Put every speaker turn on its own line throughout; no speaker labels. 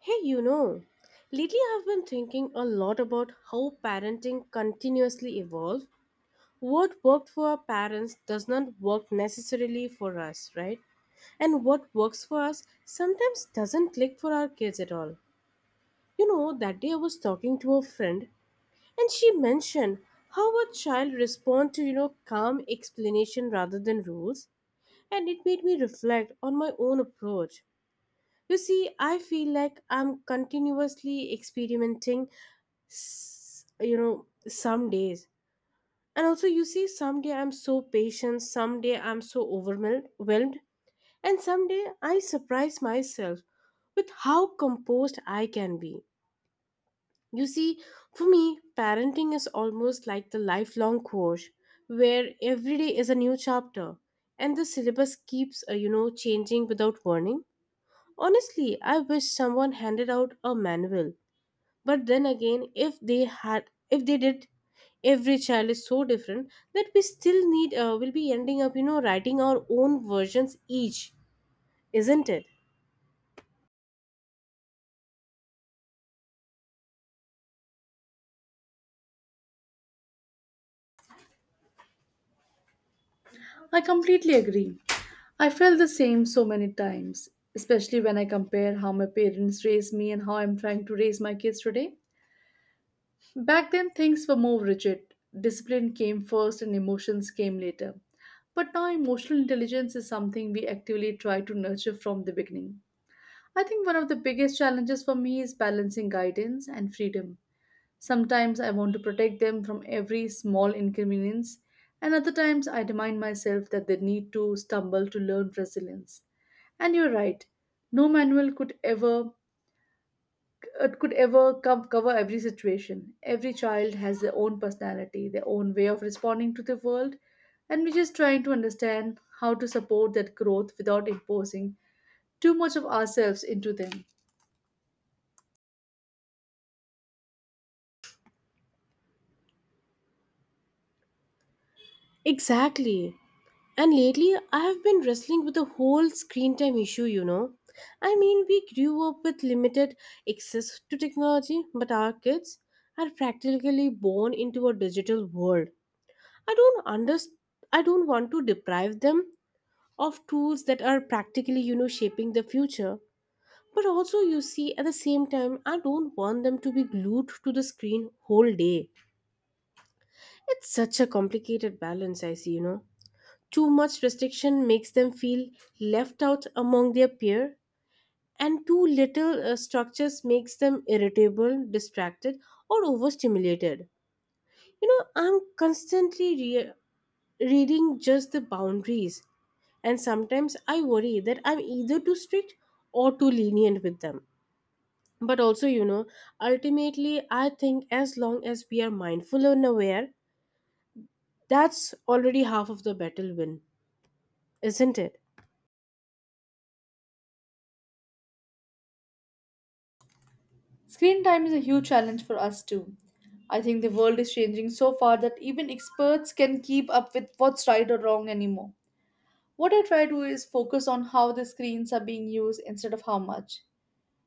Hey, lately I've been thinking a lot about how parenting continuously evolves. What worked for our parents does not work necessarily for us, right? And what works for us sometimes doesn't click for our kids at all. That day I was talking to a friend and she mentioned how a child responds to, calm explanation rather than rules. And it made me reflect on my own approach. You see, I feel like I'm continuously experimenting, some days. And also, you see, someday I'm so patient, someday I'm so overwhelmed, whelmed, and someday I surprise myself with how composed I can be. You see, for me, parenting is almost like the lifelong course where every day is a new chapter and the syllabus keeps, changing without warning. Honestly, I wish someone handed out a manual. But then again, if they did, every child is so different that we still need will be ending up writing our own versions each, isn't it?
I completely agree. I felt the same so many times, especially when I compare how my parents raised me and how I'm trying to raise my kids today. Back then, things were more rigid. Discipline came first and emotions came later. But now, emotional intelligence is something we actively try to nurture from the beginning. I think one of the biggest challenges for me is balancing guidance and freedom. Sometimes I want to protect them from every small inconvenience, and other times I remind myself that they need to stumble to learn resilience. And you're right, no manual could ever it could ever cover every situation. Every child has their own personality, their own way of responding to the world, and we're just trying to understand how to support that growth without imposing too much of ourselves into them.
Exactly. And lately I have been wrestling with the whole screen time issue. I mean, we grew up with limited access to technology, but our kids are practically born into a digital world. I don't understand. I don't want to deprive them of tools that are practically, shaping the future. But also, you see, at the same time, I don't want them to be glued to the screen whole day. It's such a complicated balance, I see, Too much restriction makes them feel left out among their peer, and too little structures makes them irritable, distracted, or overstimulated. I'm constantly reading just the boundaries. And sometimes I worry that I'm either too strict or too lenient with them. But also, ultimately, I think as long as we are mindful and aware, that's already half of the battle win, isn't it?
Screen time is a huge challenge for us too. I think the world is changing so far that even experts can keep up with what's right or wrong anymore. What I try to do is focus on how the screens are being used instead of how much.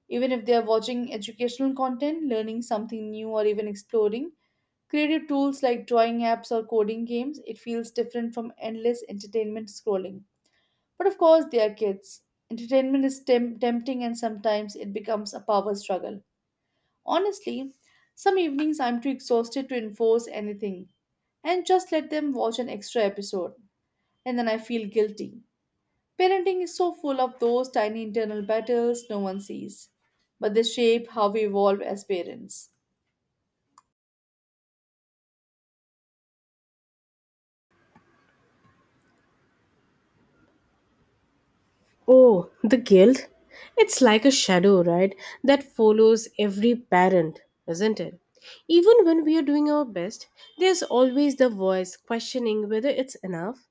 Even if they are watching educational content, learning something new, or even exploring creative tools like drawing apps or coding games, it feels different from endless entertainment scrolling. But of course, they are kids. Entertainment is tempting and sometimes it becomes a power struggle. Honestly, some evenings I'm too exhausted to enforce anything and just let them watch an extra episode, and then I feel guilty. Parenting is so full of those tiny internal battles no one sees, but they shape how we evolve as parents.
Oh, the guilt? It's like a shadow, right? That follows every parent, isn't it? Even when we are doing our best, there's always the voice questioning whether it's enough.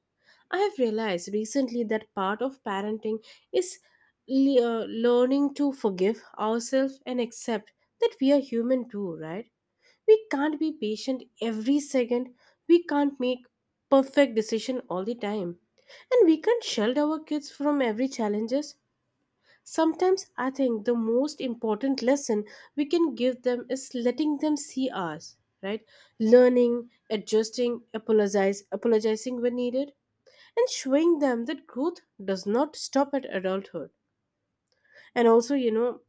I have realized recently that part of parenting is learning to forgive ourselves and accept that we are human too, right? We can't be patient every second. We can't make perfect decision all the time. And we can't shield our kids from every challenges. Sometimes I think the most important lesson we can give them is letting them see us, right? Learning, adjusting, apologizing when needed, and showing them that growth does not stop at adulthood. And also,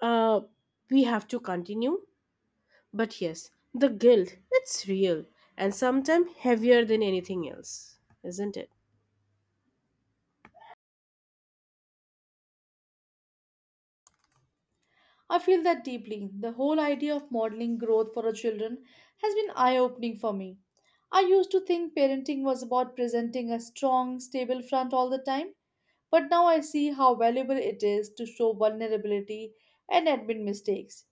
uh, we have to continue. But yes, the guilt, it's real and sometimes heavier than anything else, isn't it?
I feel that deeply. The whole idea of modeling growth for our children has been eye opening for me. I used to think parenting was about presenting a strong, stable front all the time, but now I see how valuable it is to show vulnerability and admit mistakes.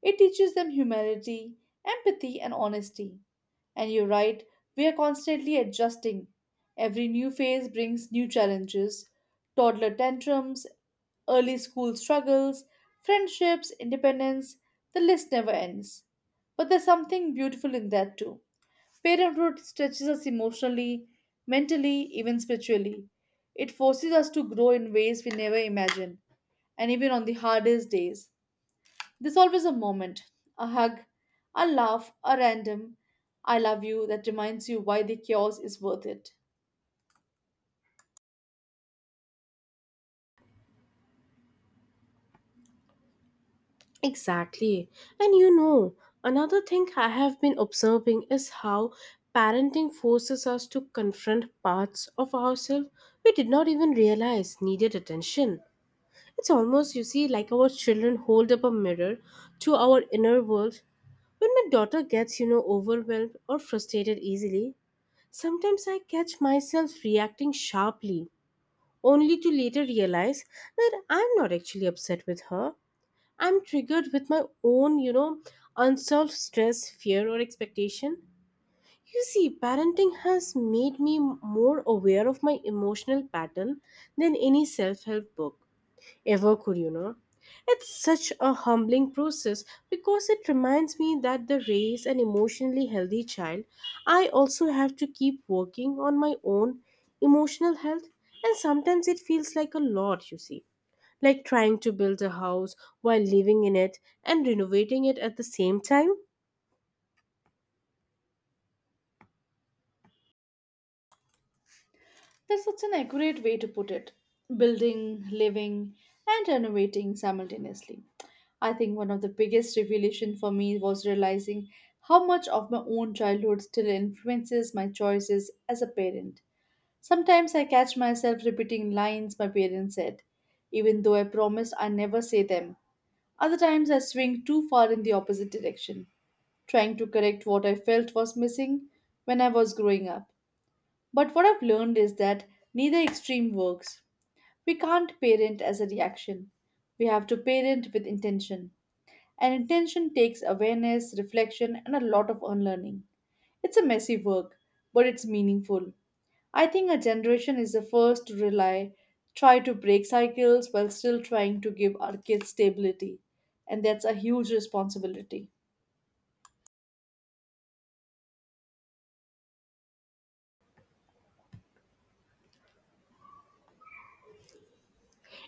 It teaches them humility, empathy, and honesty. And you're right, we are constantly adjusting. Every new phase brings new challenges toddler tantrums, early school struggles, friendships, independence, the list never ends. But there's something beautiful in that too. Parenthood stretches us emotionally, mentally, even spiritually. It forces us to grow in ways we never imagined, and even on the hardest days, there's always a moment, a hug, a laugh, a random I love you that reminds you why the chaos is worth it.
Exactly. And you know, another thing I have been observing is how parenting forces us to confront parts of ourselves we did not even realize needed attention. It's almost, you see, like our children hold up a mirror to our inner world. When my daughter gets, overwhelmed or frustrated easily, sometimes I catch myself reacting sharply, only to later realize that I'm not actually upset with her. I'm triggered with my own, unsolved stress, fear, or expectation. You see, parenting has made me more aware of my emotional pattern than any self help book ever could, It's such a humbling process because it reminds me that to raise an emotionally healthy child, I also have to keep working on my own emotional health, and sometimes it feels like a lot, you see. Like trying to build a house while living in it and renovating it at the same time?
That's such an accurate way to put it. Building, living, and renovating simultaneously. I think one of the biggest revelation for me was realizing how much of my own childhood still influences my choices as a parent. Sometimes I catch myself repeating lines my parents said, even though I promised I never say them. Other times I swing too far in the opposite direction, trying to correct what I felt was missing when I was growing up. But what I've learned is that neither extreme works. We can't parent as a reaction. We have to parent with intention. And intention takes awareness, reflection, and a lot of unlearning. It's a messy work, but it's meaningful. I think a generation is the first to rely, try to break cycles while still trying to give our kids stability. And that's a huge responsibility.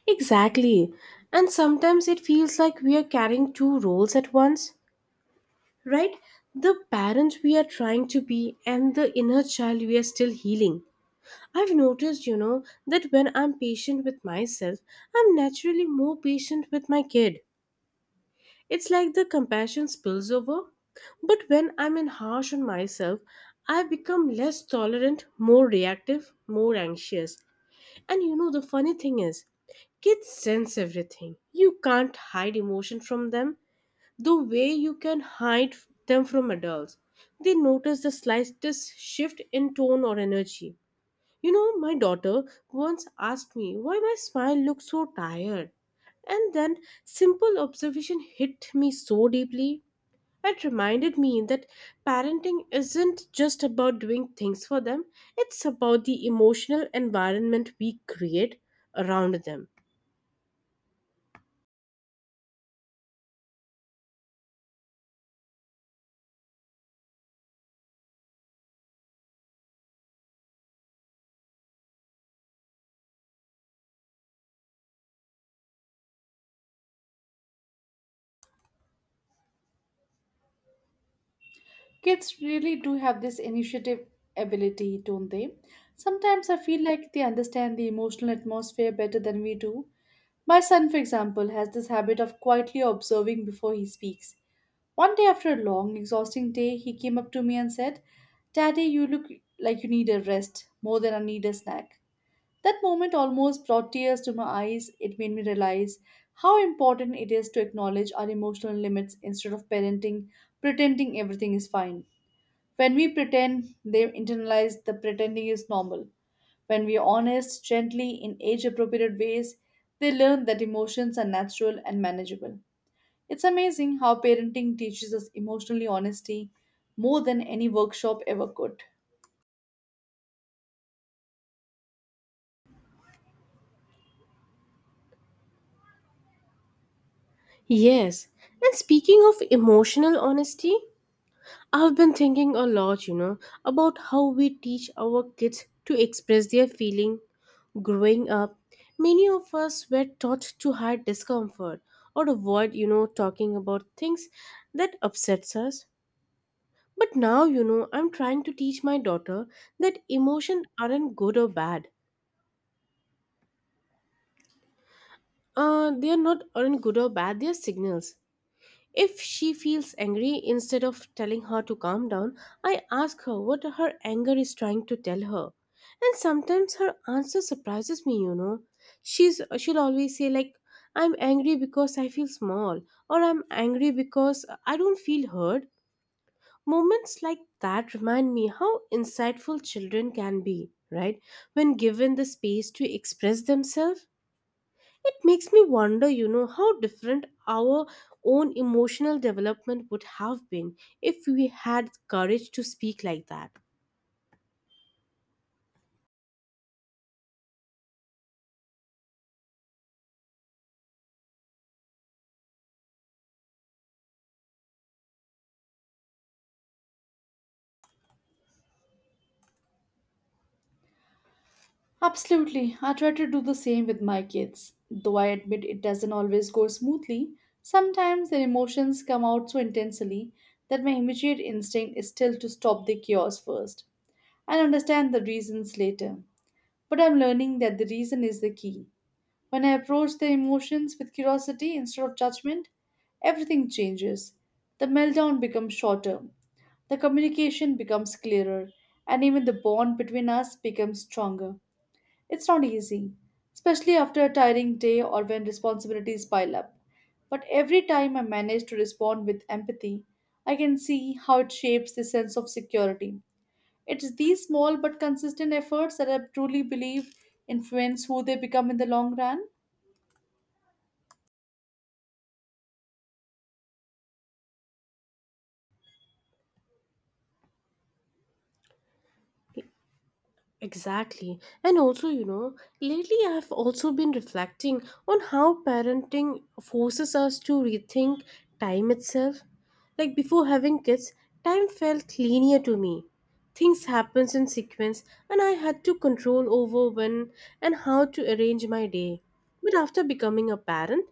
Exactly. And sometimes it feels like we are carrying two roles at once, right? The parents we are trying to be and the inner child we are still healing. I've noticed, that when I'm patient with myself, I'm naturally more patient with my kid. It's like the compassion spills over. But when I'm in harsh on myself, I become less tolerant, more reactive, more anxious. And you know, the funny thing is, kids sense everything. You can't hide emotion from them the way you can hide them from adults. They notice the slightest shift in tone or energy. My daughter once asked me why my smile looks so tired. And then simple observation hit me so deeply. It reminded me that parenting isn't just about doing things for them, it's about the emotional environment we create around them.
Kids really do have this initiative ability, don't they? Sometimes I feel like they understand the emotional atmosphere better than we do. My son, for example, has this habit of quietly observing before he speaks. One day after a long, exhausting day, he came up to me and said, Daddy, you look like you need a rest more than I need a snack. That moment almost brought tears to my eyes. It made me realize how important it is to acknowledge our emotional limits instead of parenting, pretending everything is fine. When we pretend, they internalize the pretending is normal. When we are honest, gently, in age appropriate ways, they learn that emotions are natural and manageable. It's amazing how parenting teaches us emotionally honesty more than any workshop ever could.
Yes, and speaking of emotional honesty, I've been thinking a lot, about how we teach our kids to express their feeling. Growing up, many of us were taught to hide discomfort or avoid, talking about things that upsets us. But now, I'm trying to teach my daughter that emotion aren't good or bad. They are not aren't good or bad, they are signals. If she feels angry, instead of telling her to calm down, I ask her what her anger is trying to tell her. And sometimes her answer surprises me, she'll always say like I'm angry because I feel small or I'm angry because I don't feel heard. Moments like that remind me how insightful children can be, right? When given the space to express themselves. It makes me wonder, how different our own emotional development would have been if we had courage to speak like that.
Absolutely. I try to do the same with my kids. Though I admit it doesn't always go smoothly, sometimes their emotions come out so intensely that my immediate instinct is still to stop the chaos first and understand the reasons later. But I'm learning that the reason is the key. When I approach the emotions with curiosity instead of judgment, everything changes. The meltdown becomes shorter, the communication becomes clearer, and even the bond between us becomes stronger. It's not easy, especially after a tiring day or when responsibilities pile up. But every time I manage to respond with empathy, I can see how it shapes the sense of security. It's these small but consistent efforts that I truly believe influence who they become in the long run.
Exactly. And also, lately I've also been reflecting on how parenting forces us to rethink time itself. Like before having kids, time felt linear to me. Things happens in sequence and I had to control over when and how to arrange my day. But after becoming a parent,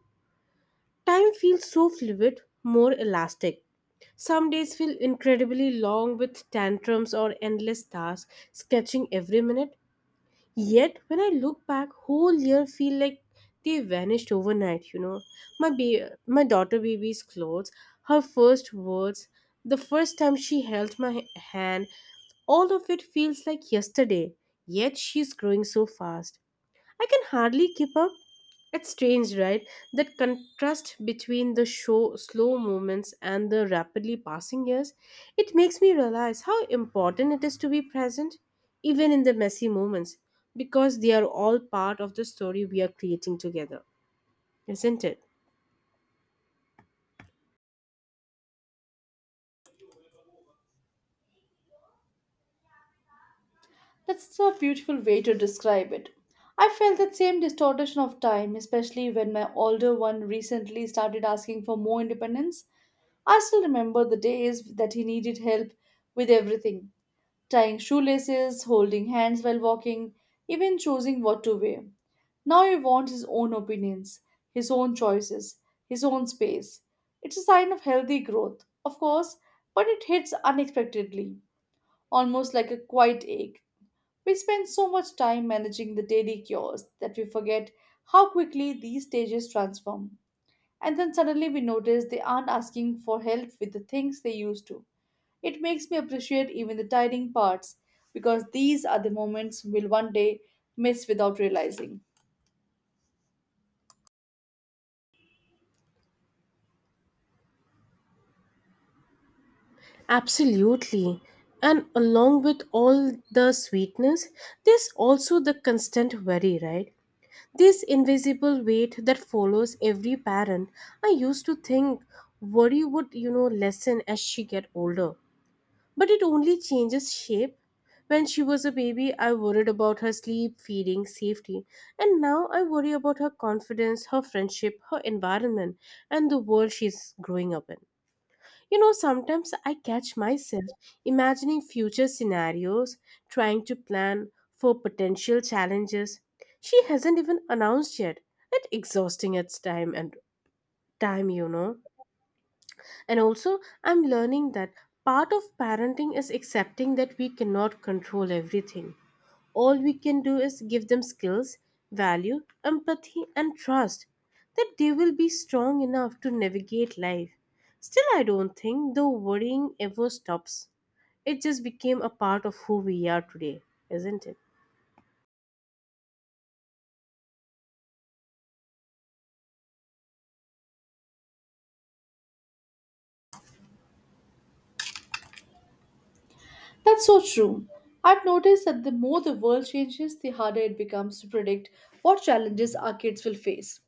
time feels so fluid, more elastic. Some days feel incredibly long with tantrums or endless tasks, sketching every minute. Yet, when I look back, whole year feel like they vanished overnight, my daughter baby's clothes, her first words, the first time she held my hand, all of it feels like yesterday. Yet she's growing so fast. I can hardly keep up. It's strange, right? That contrast between the show slow movements and the rapidly passing years. It makes me realize how important it is to be present, even in the messy moments, because they are all part of the story we are creating together, isn't it?
That's a beautiful way to describe it. I felt that same distortion of time, especially when my older one recently started asking for more independence. I still remember the days that he needed help with everything tying shoelaces, holding hands while walking, even choosing what to wear. Now he wants his own opinions, his own choices, his own space. It's a sign of healthy growth, of course, but it hits unexpectedly, almost like a quiet ache. We spend so much time managing the daily chores that we forget how quickly these stages transform. And then suddenly we notice they aren't asking for help with the things they used to. It makes me appreciate even the tiring parts because these are the moments we'll one day miss without realizing.
Absolutely. And along with all the sweetness, there's also the constant worry, right? This invisible weight that follows every parent. I used to think worry would, lessen as she get older. But it only changes shape. When she was a baby, I worried about her sleep, feeding, safety. And now I worry about her confidence, her friendship, her environment, and the world she's growing up in. Sometimes I catch myself imagining future scenarios, trying to plan for potential challenges she hasn't even announced yet. It's exhausting at time, And also, I'm learning that part of parenting is accepting that we cannot control everything. All we can do is give them skills, value, empathy, and trust that they will be strong enough to navigate life. Still, I don't think the worrying ever stops. It just became a part of who we are today, isn't it?
That's so true. I've noticed that the more the world changes, the harder it becomes to predict what challenges our kids will face.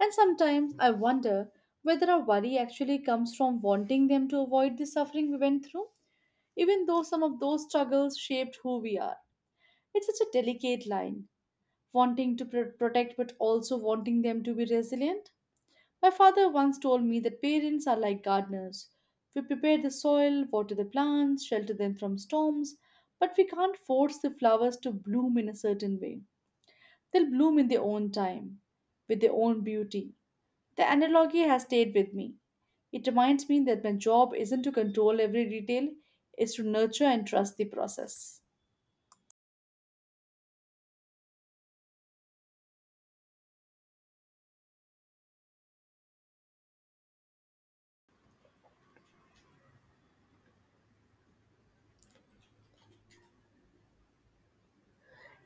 And sometimes I wonder whether our worry actually comes from wanting them to avoid the suffering we went through, even though some of those struggles shaped who we are. It's such a delicate line, wanting to protect but also wanting them to be resilient. My father once told me that parents are like gardeners. We prepare the soil, water the plants, shelter them from storms, but we can't force the flowers to bloom in a certain way. They'll bloom in their own time, with their own beauty. The analogy has stayed with me. It reminds me that my job isn't to control every detail, it's to nurture and trust the process.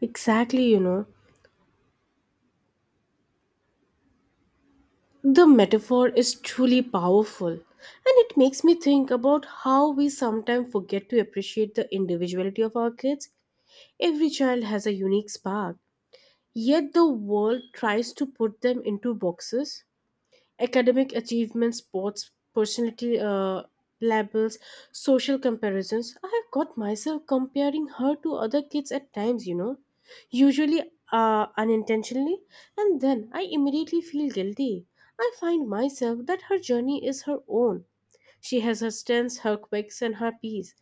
Exactly, The metaphor is truly powerful, and it makes me think about how we sometimes forget to appreciate the individuality of our kids. Every child has a unique spark, yet the world tries to put them into boxes, academic achievements, sports, personality labels, social comparisons. I have got myself comparing her to other kids at times, usually unintentionally, and then I immediately feel guilty. I find myself that her journey is her own. She has her strengths, her quirks, and her peace.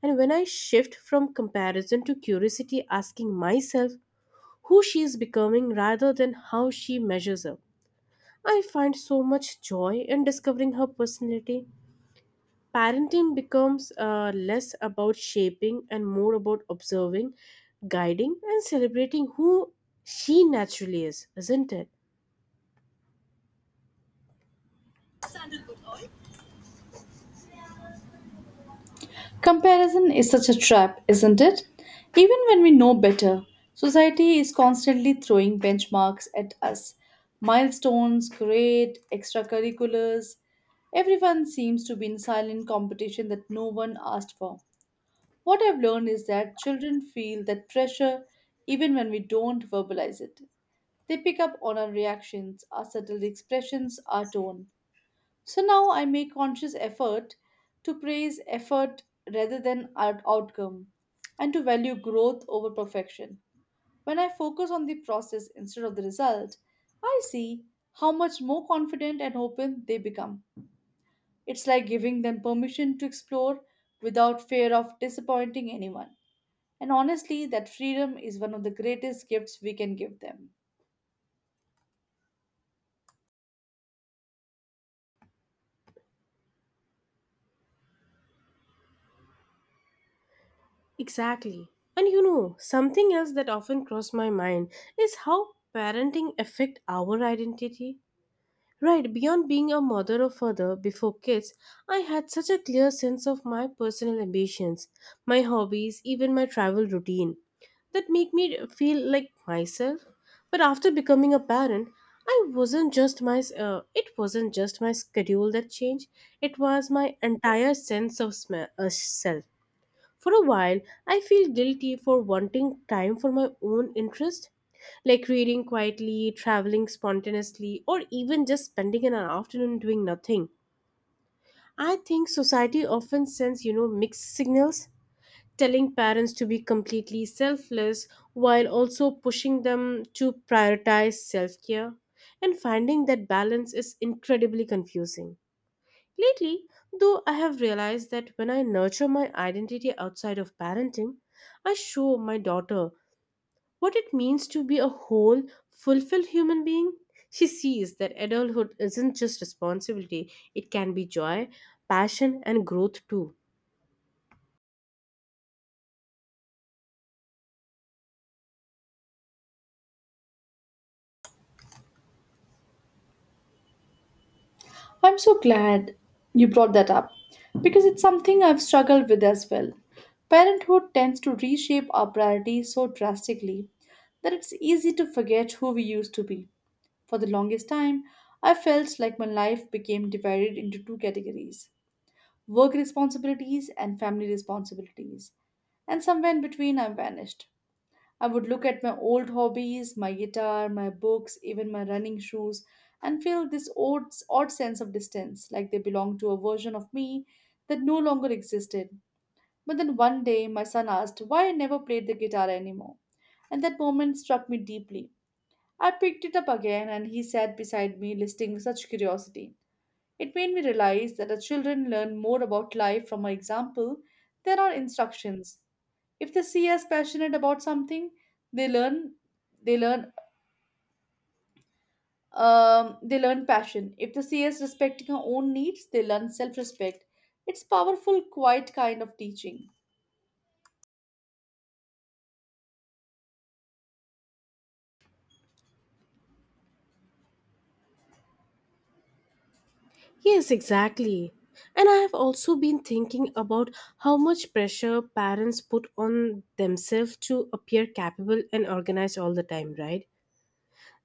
And when I shift from comparison to curiosity, asking myself, who she is becoming rather than how she measures up, I find so much joy in discovering her personality. Parenting becomes less about shaping and more about observing, guiding, and celebrating who she naturally is, isn't it?
Comparison is such a trap, isn't it? Even when we know better, society is constantly throwing benchmarks at us. Milestones, grade, extracurriculars. Everyone seems to be in silent competition that no one asked for. What I've learned is that children feel that pressure even when we don't verbalize it. They pick up on our reactions, our subtle expressions, our tone. So now I make conscious effort to praise effort rather than outcome and to value growth over perfection. When I focus on the process instead of the result, I see how much more confident and open they become. It's like giving them permission to explore without fear of disappointing anyone. And honestly, that freedom is one of the greatest gifts we can give them.
Exactly. And you know, something else that often crosses my mind is how parenting affect our identity. Right, beyond being a mother or father before kids, I had such a clear sense of my personal ambitions, my hobbies, even my travel routine that make me feel like myself. But after becoming a parent, I wasn't just my it wasn't just my schedule that changed, it was my entire sense of self. For a while, I feel guilty for wanting time for my own interest like reading quietly, traveling spontaneously, or even just spending an afternoon doing nothing. I think society often sends, mixed signals, telling parents to be completely selfless while also pushing them to prioritize self care. And finding that balance is incredibly confusing. Lately, though, I have realized that when I nurture my identity outside of parenting, I show my daughter what it means to be a whole, fulfilled human being. She sees that adulthood isn't just responsibility, it can be joy, passion, and growth too.
I'm so glad you brought that up because it's something I've struggled with as well. Parenthood tends to reshape our priorities so drastically that it's easy to forget who we used to be. For the longest time, I felt like my life became divided into two categories work responsibilities and family responsibilities. And somewhere in between, I vanished. I would look at my old hobbies, my guitar, my books, even my running shoes, and feel this odd sense of distance, like they belong to a version of me that no longer existed. But then one day, my son asked why I never played the guitar anymore, and that moment struck me deeply. I picked it up again, and he sat beside me, listening with such curiosity. It made me realize that our children learn more about life from our example than our instructions. If they see us passionate about something they learn they learn they learn passion. If they see us respecting our own needs, they learn self-respect. It's powerful quiet kind of teaching.
Yes, exactly. And I have also been thinking about how much pressure parents put on themselves to appear capable and organized all the time, right?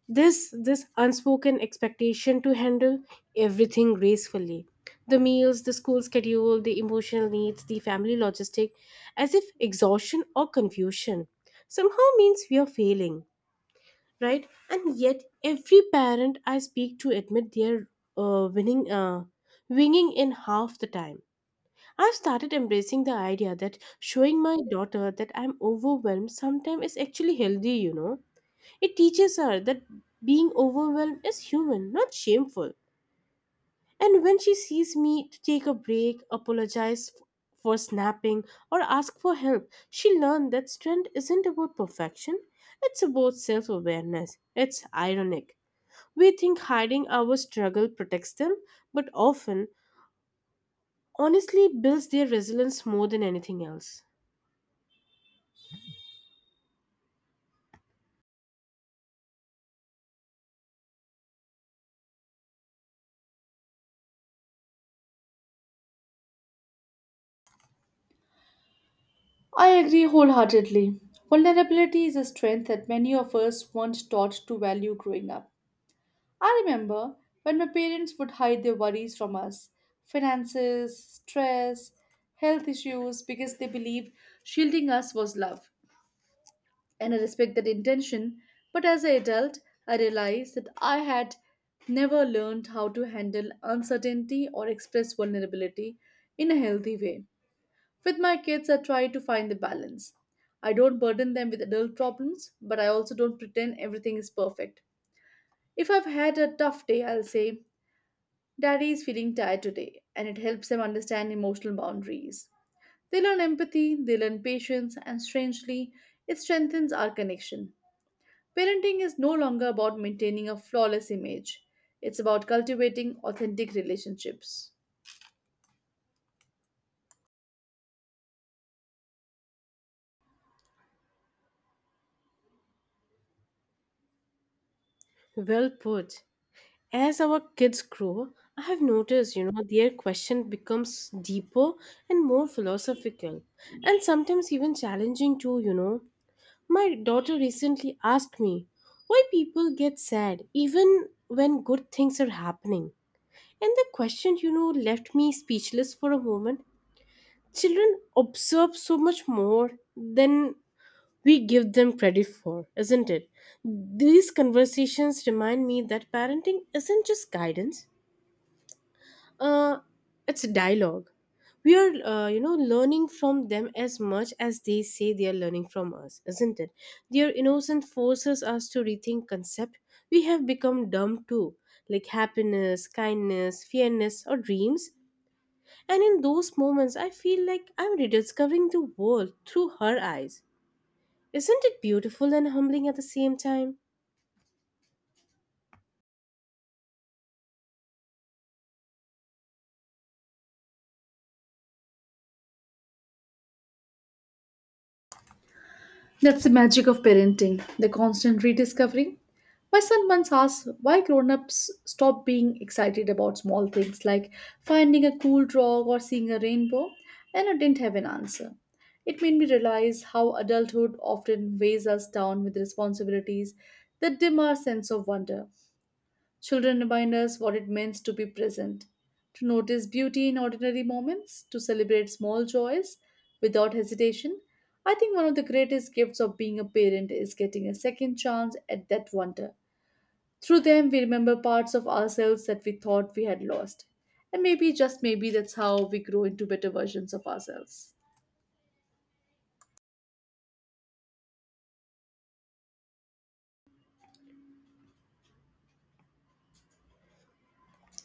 This unspoken expectation to handle everything gracefully. The meals, the school schedule, the emotional needs, the family logistic, as if exhaustion or confusion somehow means we are failing, right? And yet every parent I speak to admit they're winning winging in half the time. I've started embracing the idea that showing my daughter that I'm overwhelmed sometimes is actually healthy. It teaches her that being overwhelmed is human, not shameful. And when she sees me to take a break, apologize for snapping, or ask for help, she learned that strength isn't about perfection, it's about self awareness. It's ironic. We think hiding our struggle protects them, but often, honestly, builds their resilience more than anything else.
I agree wholeheartedly. Vulnerability is a strength that many of us weren't taught to value growing up. I remember when my parents would hide their worries from us, finances stress, health issues, because they believed shielding us was love, and I respect that intention. But as an adult, I realized that I had never learned how to handle uncertainty or express vulnerability in a healthy way. With my kids, I try to find the balance. I don't burden them with adult problems, but I also don't pretend everything is perfect. If I've had a tough day, I'll say, Daddy is feeling tired today, and it helps them understand emotional boundaries. They learn empathy, they learn patience, and strangely, it strengthens our connection. Parenting is no longer about maintaining a flawless image. It's about cultivating authentic relationships.
Well put. As our kids grow, I have noticed, their question becomes deeper and more philosophical and sometimes even challenging too, My daughter recently asked me why people get sad even when good things are happening. And the question, left me speechless for a moment. Children observe so much more than we give them credit for, isn't it? These conversations remind me that parenting isn't just guidance, uh, it's a dialogue. We are, learning from them as much as they say they are learning from us, isn't it? Their innocence forces us to rethink concept we have become dumb to, like happiness, kindness, fairness, or dreams. And in those moments, I feel like I'm rediscovering the world through her eyes. Isn't it beautiful and humbling at the same time?
That's the magic of parenting, the constant rediscovery. My son once asked why grown ups stop being excited about small things like finding a cool dog or seeing a rainbow, and I didn't have an answer. It made me realize how adulthood often weighs us down with responsibilities that dim our sense of wonder. Children remind us what it means to be present, to notice beauty in ordinary moments, to celebrate small joys without hesitation. I think one of the greatest gifts of being a parent is getting a second chance at that wonder. Through them, we remember parts of ourselves that we thought we had lost. And maybe, just maybe, that's how we grow into better versions of ourselves.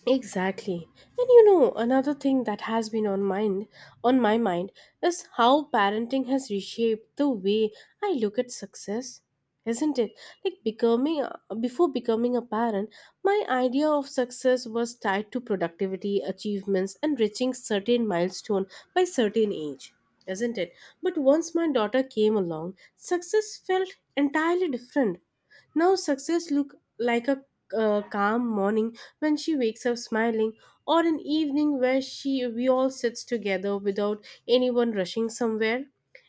Exactly. And you know, another thing that has been on my mind is how parenting has reshaped the way I look at success. Isn't it? Like becoming before becoming a parent, my idea of success was tied to productivity, achievements and reaching certain milestone by certain age. Isn't it? But once my daughter came along, success felt entirely different. Now success look like a calm morning when she wakes up smiling or an evening where she we all sits together without anyone rushing somewhere.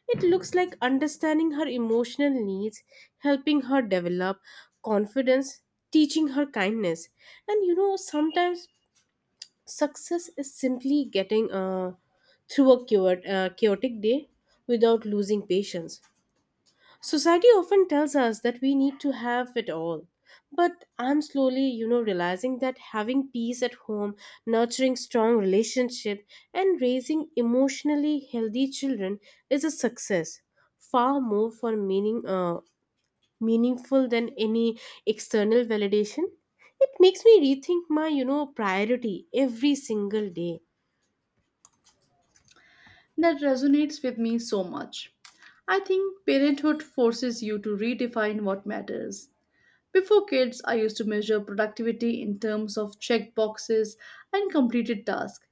It looks like understanding her emotional needs, helping her develop confidence, teaching her kindness. And you know sometimes success is simply getting chaotic day without losing patience. Society often tells us that we need to have it all. But I'm slowly, realizing that having peace at home, nurturing strong relationship, and raising emotionally healthy children is a success, far more meaningful than any external validation. It makes me rethink my, priority every single day.
That resonates with me so much. I think parenthood forces you to redefine what matters. Before kids, I used to measure productivity in terms of checked boxes and completed tasks.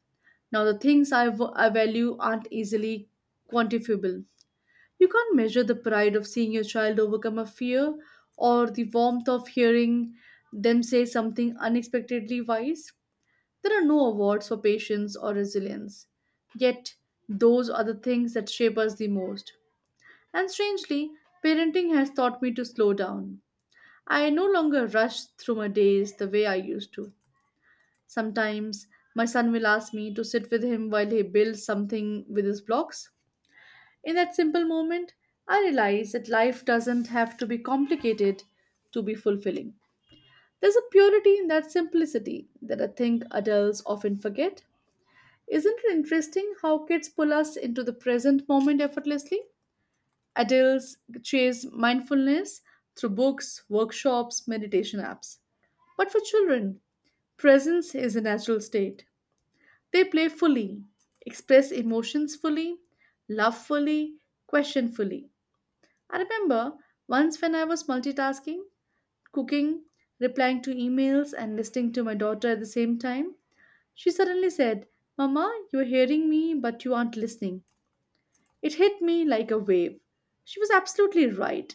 Now, the things I value aren't easily quantifiable. You can't measure the pride of seeing your child overcome a fear or the warmth of hearing them say something unexpectedly wise. There are no awards for patience or resilience. Yet, those are the things that shape us the most. And strangely, parenting has taught me to slow down. I no longer rush through my days the way I used to. Sometimes my son will ask me to sit with him while he builds something with his blocks. In that simple moment, I realize that life doesn't have to be complicated to be fulfilling. There's a purity in that simplicity that I think adults often forget. Isn't it interesting how kids pull us into the present moment effortlessly? Adults chase mindfulness through books, workshops, meditation apps. But for children, presence is a natural state. They play fully, express emotions fully, love fully, question fully. I remember once when I was multitasking, cooking, replying to emails, and listening to my daughter at the same time. She suddenly said, Mama, you're hearing me, but you aren't listening. It hit me like a wave. She was absolutely right.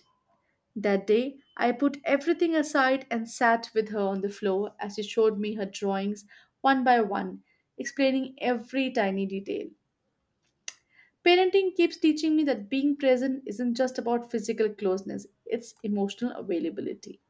That day, I put everything aside and sat with her on the floor as she showed me her drawings one by one, explaining every tiny detail. Parenting keeps teaching me that being present isn't just about physical closeness, it's emotional availability.